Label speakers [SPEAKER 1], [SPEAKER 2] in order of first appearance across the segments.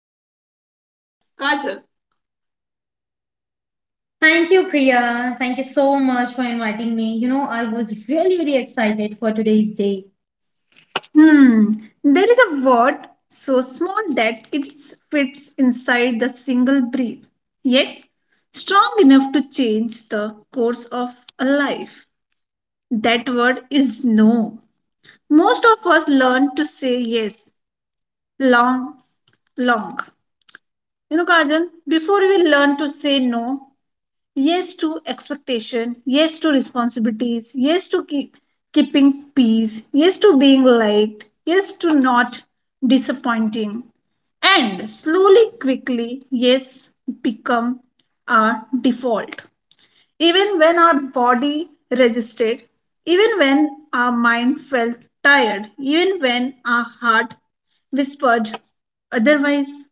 [SPEAKER 1] Today's special guest, Kajal. Thank you, Priya. Thank you so much for inviting me. I was really, really excited for today's day. Hmm, there is a word so small that it fits inside the single breath, yet strong enough to change the course of a life. That word is no. Most of us learn to say yes long long. Kajal, before we learn to say no, yes to expectation, yes to responsibilities, yes to keeping peace, yes to being liked, yes to not disappointing, and slowly, quickly, yes become our default. Even when our body resisted, even when our mind felt tired, even when our heart whispered otherwise.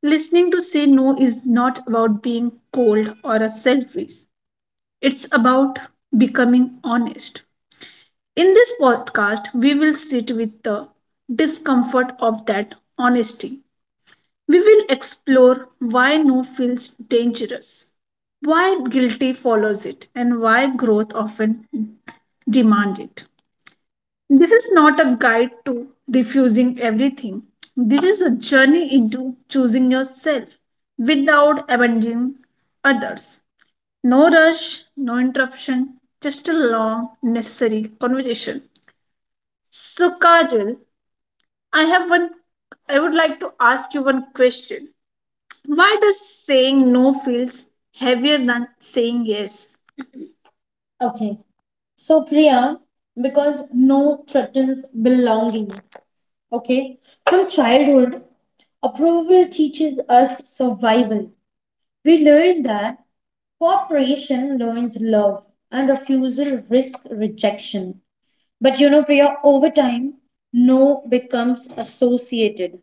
[SPEAKER 1] Listening to say no is not about being cold or a selfish. It's about becoming honest. In this podcast, we will sit with the discomfort of that honesty. We will explore why no feels dangerous, why guilty follows it, and why growth often demands it. This is not a guide to refusing everything. This is a journey into choosing yourself without abandoning others. No rush, no interruption, just a long, necessary conversation. So, Kajal, I have one. I would like to ask you one question. Why does saying no feels heavier than saying yes? Okay. So, Priya, because no threatens belonging. Okay, from childhood, approval teaches us survival. We learn that cooperation learns love and refusal risk rejection. But Priya, over time, no becomes associated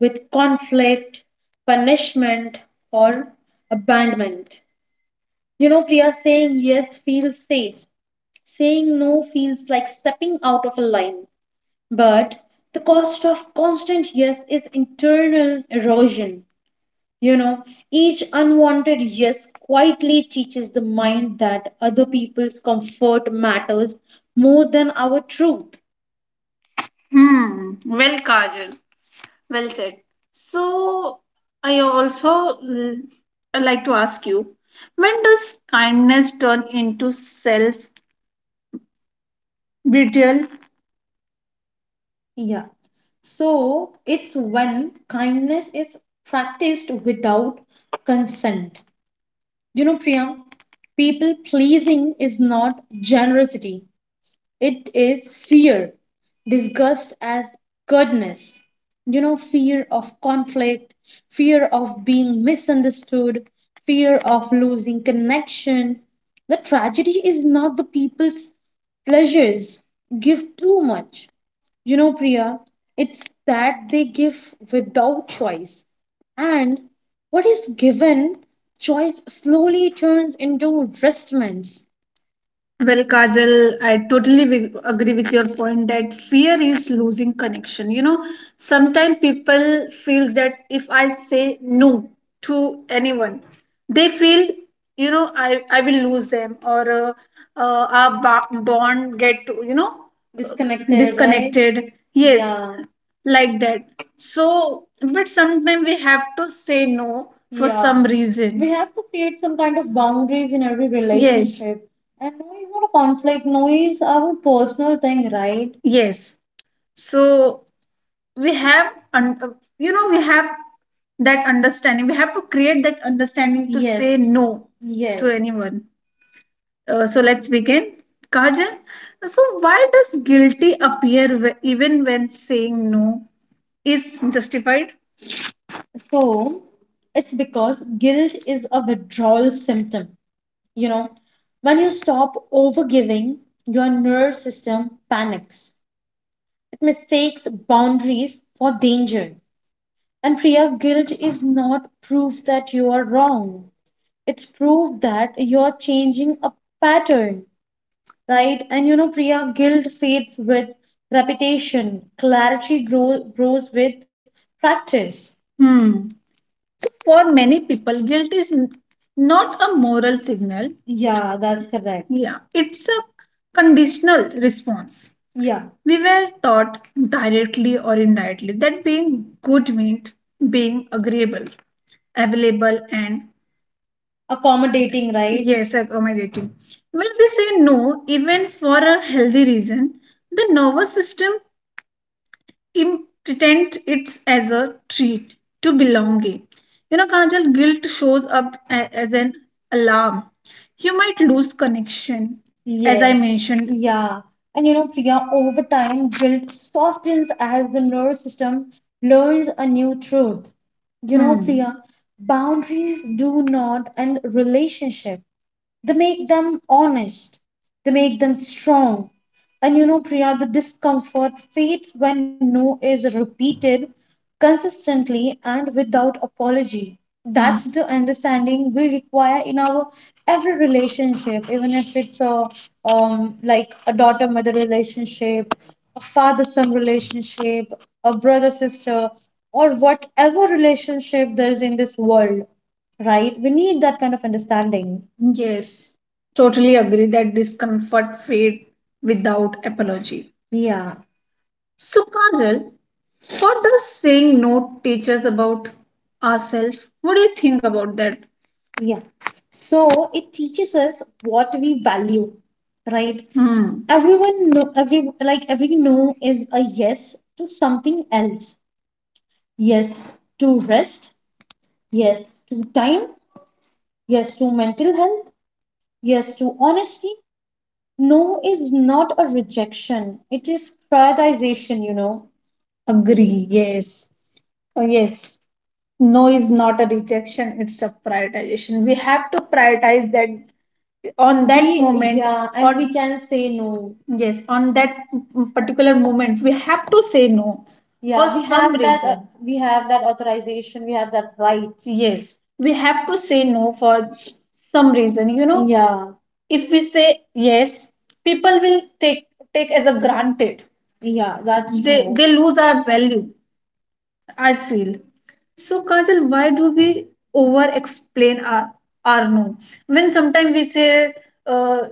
[SPEAKER 1] with conflict, punishment, or abandonment. Priya, saying yes feels safe. Saying no feels like stepping out of a line. But the cost of constant yes is internal erosion. You know, each unwanted yes quietly teaches the mind that other people's comfort matters more than our truth. Hmm. Well, Kajal, well said. So, I also l- I like to ask you, when does kindness turn into self-betrayal? Yeah. So it's when kindness is practiced without consent. Priya, people pleasing is not generosity, it is fear, disgust as goodness. Fear of conflict, fear of being misunderstood, fear of losing connection. The tragedy is not the people's pleasures give too much, Priya, it's that they give without choice. And what is given, choice slowly turns into restraints. Well, Kajal, I totally agree with your point that fear is losing connection. Sometimes people feels that if I say no to anyone, they feel, I will lose them, or our bond get, disconnected, right? Disconnected. Yes, yeah, like that. So, but sometimes we have to say no for, yeah, some reason. We have to create some kind of boundaries in every, yes, relationship. And no is not a conflict. No is our personal thing, right? Yes. So we have, un- you know, we have that understanding. We have to create that understanding to say, yes, no to, yes, anyone. So let's begin. Kajal, so why does guilty appear even when saying no is justified? So it's because guilt is a withdrawal symptom. you know when you stop over giving, your nervous system panics. It mistakes boundaries for danger. And, Priya, guilt is not proof that you are wrong, it's proof that you're changing a pattern, right? And Priya, guilt fades with repetition. Clarity grows with practice. Hmm. So for many people, guilt is not a moral signal. Yeah, that's correct. Yeah, it's a conditional response. Yeah. We were taught directly or indirectly that being good meant being agreeable, available, and accommodating, right? Yes, accommodating. When we say no, even for a healthy reason, the nervous system pretend it's as a treat to belonging. Kajal, guilt shows up as an alarm. You might lose connection, as I, yes, mentioned, yeah. And Priya, over time, guilt softens as the nervous system learns a new truth. Hmm. Priya, boundaries do not end relationship. They make them honest. They make them strong. And Priya, the discomfort fades when no is repeated consistently and without apology. That's the understanding we require in our every relationship, even if it's a like a daughter-mother relationship, a father-son relationship, a brother-sister, or whatever relationship there is in this world, right? We need that kind of understanding. Yes, totally agree that discomfort fade without apology. Yeah. So, Kajal, what does saying no teach us about ourselves? What do you think about that? Yeah. So it teaches us what we value, right? Hmm. Everyone know every no is a yes to something else. Yes to rest. Yes to time. Yes to mental health. Yes, to honesty, no is not a rejection. It is prioritization. Agree, yes. Oh, yes. No is not a rejection, it's a prioritization. We have to prioritize that on that we, moment, yeah, and on we can say no, yes, on that particular moment we have to say no, yeah. For we some have reason that we have that authorization, we have that right, yes, we have to say no for some reason, yeah. If we say yes, people will take as a granted, yeah, that's they true, they lose our value, I feel. So, Kajal, why do we over explain our no? When sometimes we say, uh,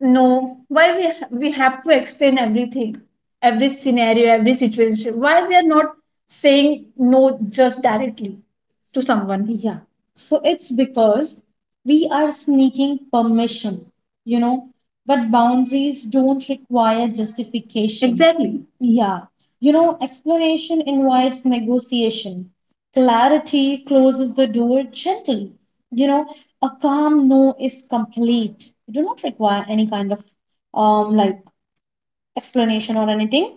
[SPEAKER 1] no, why we we have to explain everything, every scenario, every situation. Why we are not saying no just directly to someone? Yeah. So it's because we are sneaking permission, you know, but boundaries don't require justification. Exactly. Yeah. Explanation invites negotiation. Clarity closes the door gently. You know, a calm no is complete. You do not require any kind of, like, explanation or anything,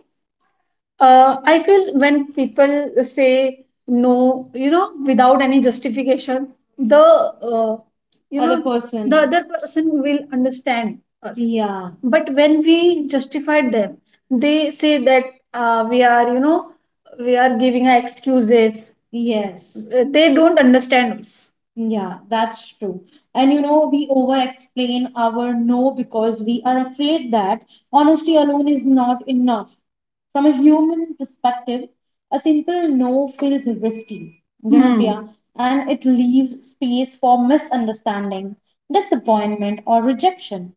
[SPEAKER 1] I feel. When people say no, without any justification, the, you, other, know person. The other person will understand us. Yeah. But when we justified them, they say that, uh, we are, you know, we are giving our excuses. Yes. They don't understand us. Yeah, that's true. And we over explain our no because we are afraid that honesty alone is not enough. From a human perspective, a simple no feels risky, Hmm. Priya, and it leaves space for misunderstanding, disappointment, or rejection.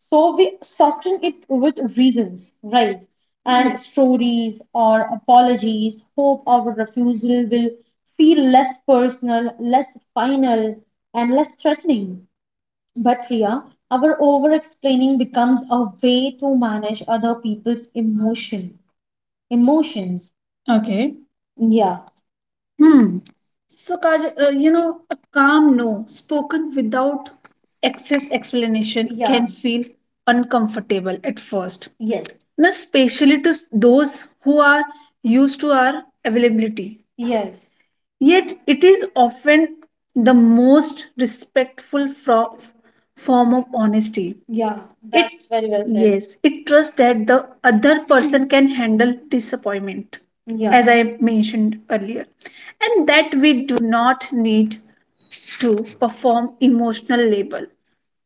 [SPEAKER 1] So we soften it with reasons, right? And stories or apologies, hope our refusal will feel less personal, less final, and less threatening. But, Priya, our over explaining becomes a way to manage other people's emotions. Okay. Yeah. Hmm. So, a calm no spoken without excess explanation, yeah, can feel uncomfortable at first, yes, and especially to those who are used to our availability. Yes. Yet, it is often the most respectful form of honesty. Yeah. It That's very well said, yes, it trusts that the other person can handle disappointment. Yeah, as I mentioned earlier, and that we do not need to perform emotional labor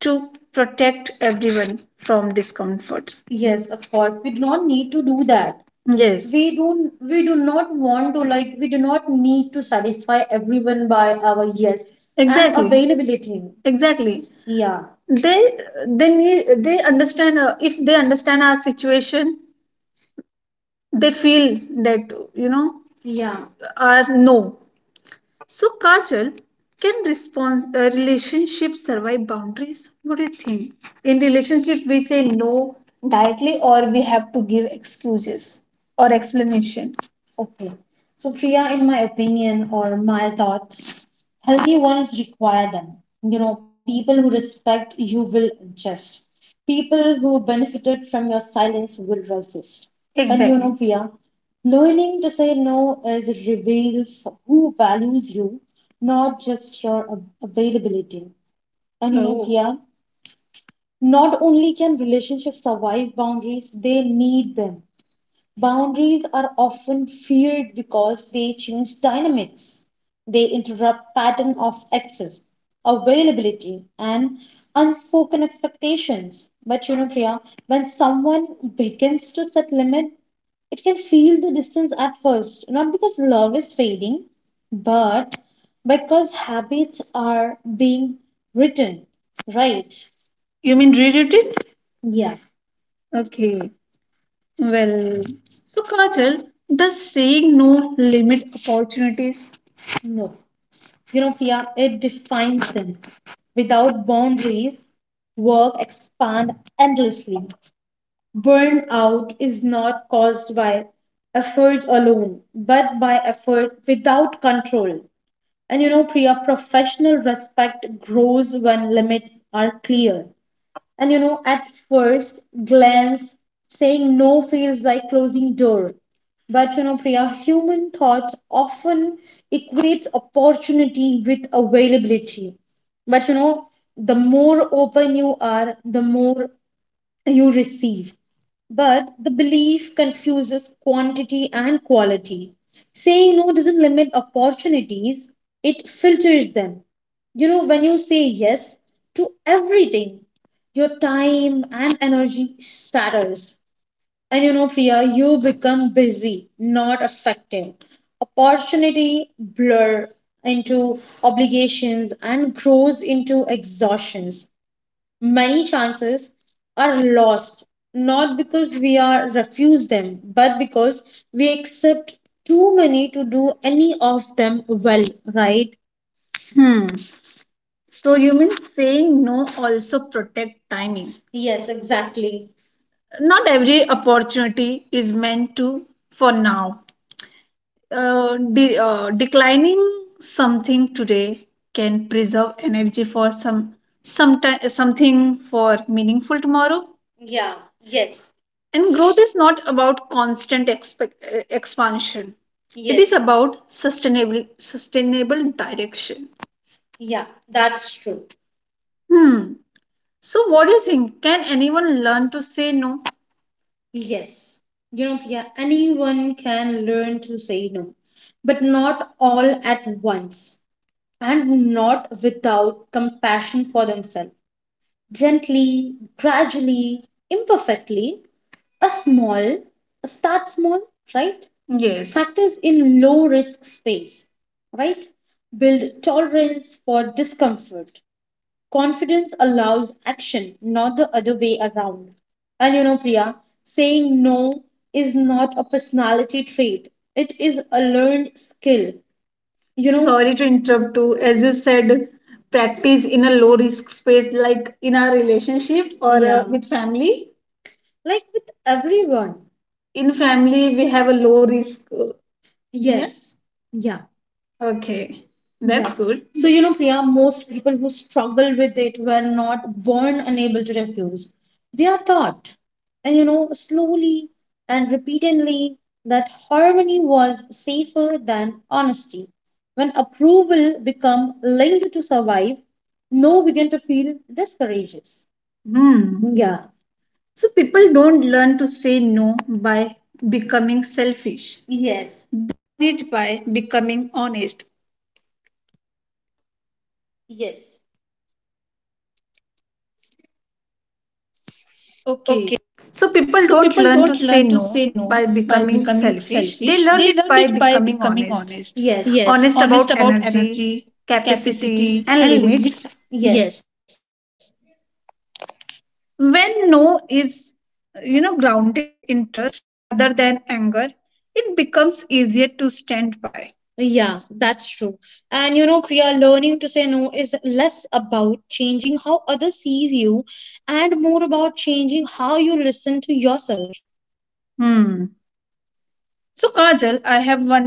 [SPEAKER 1] to protect everyone from discomfort. Yes, of course. We do not need to do that. Yes. We do not want to, like, we do not need to satisfy everyone by our yes and, exactly, availability. Exactly. Yeah. They understand, if they understand our situation, they feel that, yeah, as no. So, Kajal, can response relationship survive boundaries? What do you think? In relationship, we say no directly, or we have to give excuses or explanation. Okay. So, Priya, in my opinion or my thought, healthy ones require them. People who respect you will adjust. People who benefited from your silence will resist. And you, exactly, know, Priya, learning to say no is reveals who values you, not just your availability. And Oh, Priya, not only can relationships survive boundaries, they need them. Boundaries are often feared because they change dynamics. They interrupt pattern of access, availability, and unspoken expectations. But Priya, when someone begins to set limits, it can feel the distance at first, not because love is fading, but because habits are being written, right? You mean rewritten? Yeah. Okay. Well, so Kajal, does saying no limit opportunities? No. Priya, it defines them. Without boundaries, work expand endlessly. Burnout is not caused by effort alone, but by effort without control. And Priya, professional respect grows when limits are clear. And at first glance, saying no feels like closing door. But Priya, human thought often equates opportunity with availability. But the more open you are, the more you receive. But the belief confuses quantity and quality. Saying no doesn't limit opportunities, it filters them. When you say yes to everything, your time and energy shatters. And Priya, you become busy, not effective. Opportunity blur into obligations and grows into exhaustions. Many chances are lost, not because we are refuse them, but because we accept too many to do any of them well, right? Hmm. So you mean saying no also protect timing? Yes, exactly. Not every opportunity is meant to for now. Declining something today can preserve energy for something for meaningful tomorrow. Yeah, yes, and growth is not about constant expansion, it is, yes, about sustainable direction, yeah, that's true. Hmm. So what do you think, can anyone learn to say no? Yes, Priya, anyone can learn to say no, but not all at once and not without compassion for themselves. Gently, gradually, imperfectly, a small, a start small, right? Yes. Practice in low risk space, right? Build tolerance for discomfort. Confidence allows action, not the other way around. And Priya, saying no is not a personality trait, it is a learned skill. Sorry to interrupt too. As you said, practice in a low risk space like in our relationship or, yeah, with family, like with everyone. In family, we have a low risk. Yes. Yeah. Okay, that's, yeah, good. So, Priya, most people who struggle with it were not born unable to refuse. They are taught, and slowly and repeatedly, that harmony was safer than honesty. When approval become linked to survive, no began to feel discourages. Hmm. Yeah. So people don't learn to say no by becoming selfish. Yes.
[SPEAKER 2] Okay, so people don't learn to say no
[SPEAKER 1] Being
[SPEAKER 2] by
[SPEAKER 1] selfish,
[SPEAKER 2] becoming
[SPEAKER 1] they learned it
[SPEAKER 2] selfish,
[SPEAKER 1] by
[SPEAKER 2] they learn
[SPEAKER 1] becoming
[SPEAKER 2] it by
[SPEAKER 1] honest.
[SPEAKER 2] becoming
[SPEAKER 1] Yes.
[SPEAKER 2] honest.
[SPEAKER 1] Honest about
[SPEAKER 2] Yes, honest
[SPEAKER 1] energy,
[SPEAKER 2] about energy,
[SPEAKER 1] capacity, and limit.
[SPEAKER 2] capacity, and
[SPEAKER 1] Yes.
[SPEAKER 2] limit. Yes, when no is grounded in trust rather than anger, it becomes easier to stand by. Yeah, that's true. And you know, Priya, learning to say no is less about changing how others see you and more about changing how you listen to yourself. Hmm. So Kajal, I have one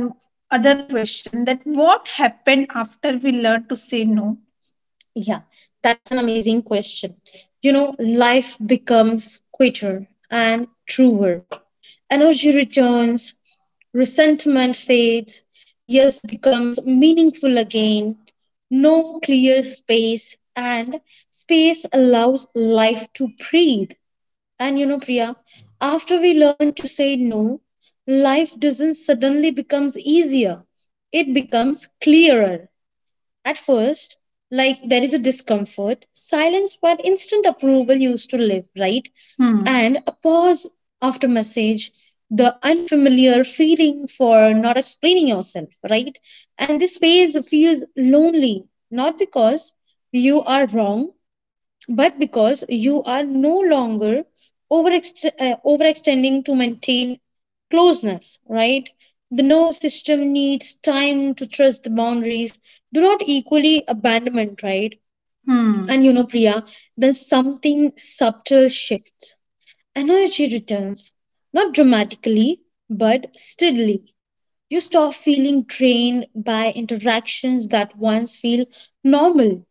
[SPEAKER 2] other question, that what happened after we learned to say no? Yeah, that's an amazing question. You know, life becomes quicker and truer. Energy returns, resentment fades, yes becomes meaningful again, no clear space, and space allows life to breathe. And you know, Priya, after we learn to say no, life doesn't suddenly becomes easier. It becomes clearer at first, like there is a discomfort, silence where instant approval used to live, right? Hmm. And a pause after message, the unfamiliar feeling for not explaining yourself, right? And this phase feels lonely, not because you are wrong, but because you are no longer overextending to maintain closeness, right? The nerve system needs time to trust the boundaries. Do not equally abandonment, right? Hmm. And you know, Priya, then something subtle shifts. Energy returns, not dramatically, but steadily. You stop feeling drained by interactions that once feel normal.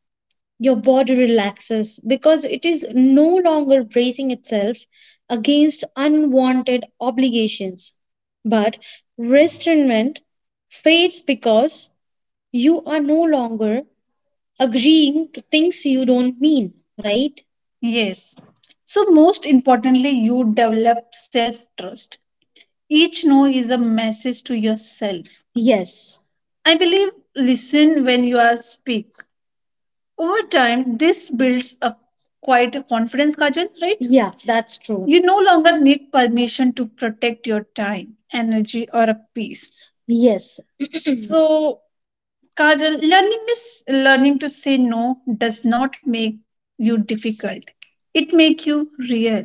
[SPEAKER 2] Your body relaxes because it is no longer bracing itself against unwanted obligations. But resentment fades because you are no longer agreeing to things you don't mean, right? Yes. So, most importantly, you develop self trust. Each no is a message to yourself. Yes, I believe listen when you are speak. Over time, this builds a quite a confidence, Kajal, right? Yeah, that's true. You no longer need permission to protect your time, energy, or a peace. Yes. So, Kajal, learning is learning to say no does not make you difficult. It makes you real.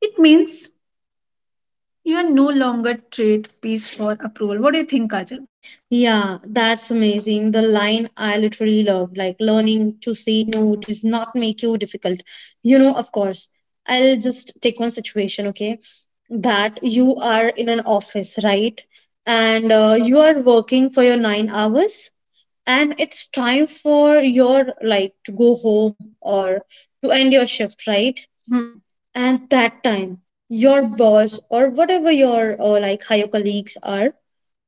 [SPEAKER 2] It means you are no longer trade peace for approval. What do you think, Kajal? Yeah, that's amazing. The line I literally love, like learning to say no does not make you difficult. You know, of course, I'll just take one situation, okay? That you are in an office, right? And you are working for your 9 hours, and it's time for your like to go home or to end your shift, right? Hmm. And that time your boss or whatever your like higher colleagues are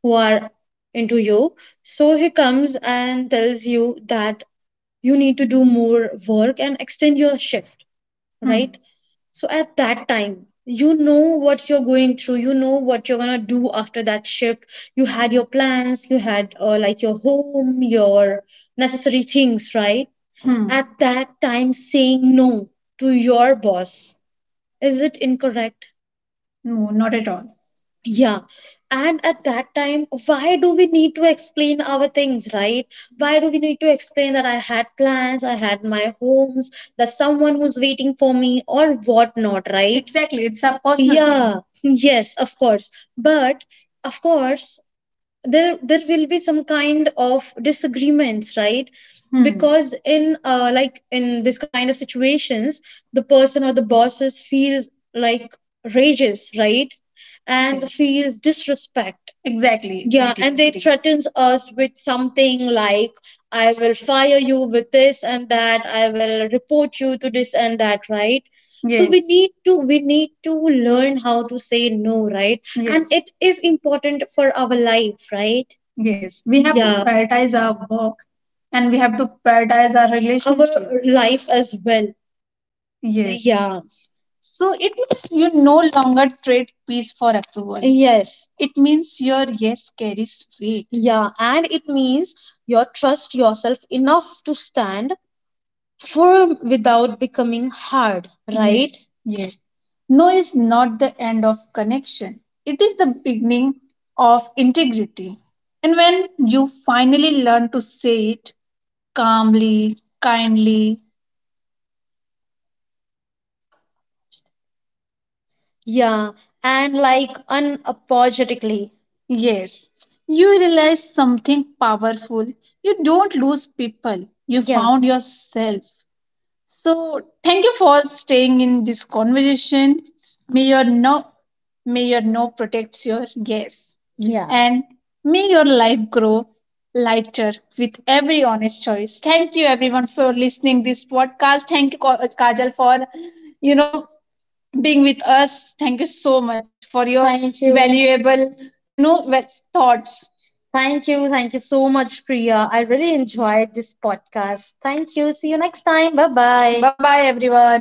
[SPEAKER 2] who are into you, so he comes and tells you that you need to do more work and extend your shift. Hmm. Right, so at that time, you know what you're going through, you know what you're going to do after that shift. You had your plans, you had like your home, your necessary things, right? Hmm. At that time, saying no to your boss, is it incorrect? No, not at all. Yeah. And at that time, why do we need to explain our things, right? Why do we need to explain that I had plans, I had my homes, that someone who's waiting for me, or whatnot, right? Exactly, it's a personal thing. Yeah, yes, of course. But of course, there will be some kind of disagreements, right? Hmm. Because in like in this kind of situations, the person or the bosses feels like rages, right? And, yes, feels disrespect. Exactly. Yeah. Exactly. And they agree, threatens us with something like, I will fire you with this and that, I will report you to this and that, right? So we, yes, need to we need to learn how to say no, right? And yes, it is important for our life, right? Yes. We have to, yeah, prioritize our work, and we have to prioritize our relationship. Life as well. Yes, yeah. So it means you no longer trade peace for approval. Yes. It means your yes carries weight. Yeah, and it means you trust yourself enough to stand for without becoming hard, right? Yes. Yes. No is not the end of connection. It is the beginning of integrity. And when you finally learn to say it calmly, kindly, yeah, and like unapologetically, yes, you realize something powerful. You don't lose people. You, yeah, found yourself. So, thank you for staying in this conversation. May your no, may your no protects your yes, yeah, and may your life grow lighter with every honest choice. Thank you everyone for listening this podcast. Thank you Kajal for you know being with us. Thank you so much for your, thank you, valuable, you know, ve- thoughts. Thank you. Thank you so much, Priya. I really enjoyed this podcast. Thank you. See you next time. Bye bye. Bye bye, everyone.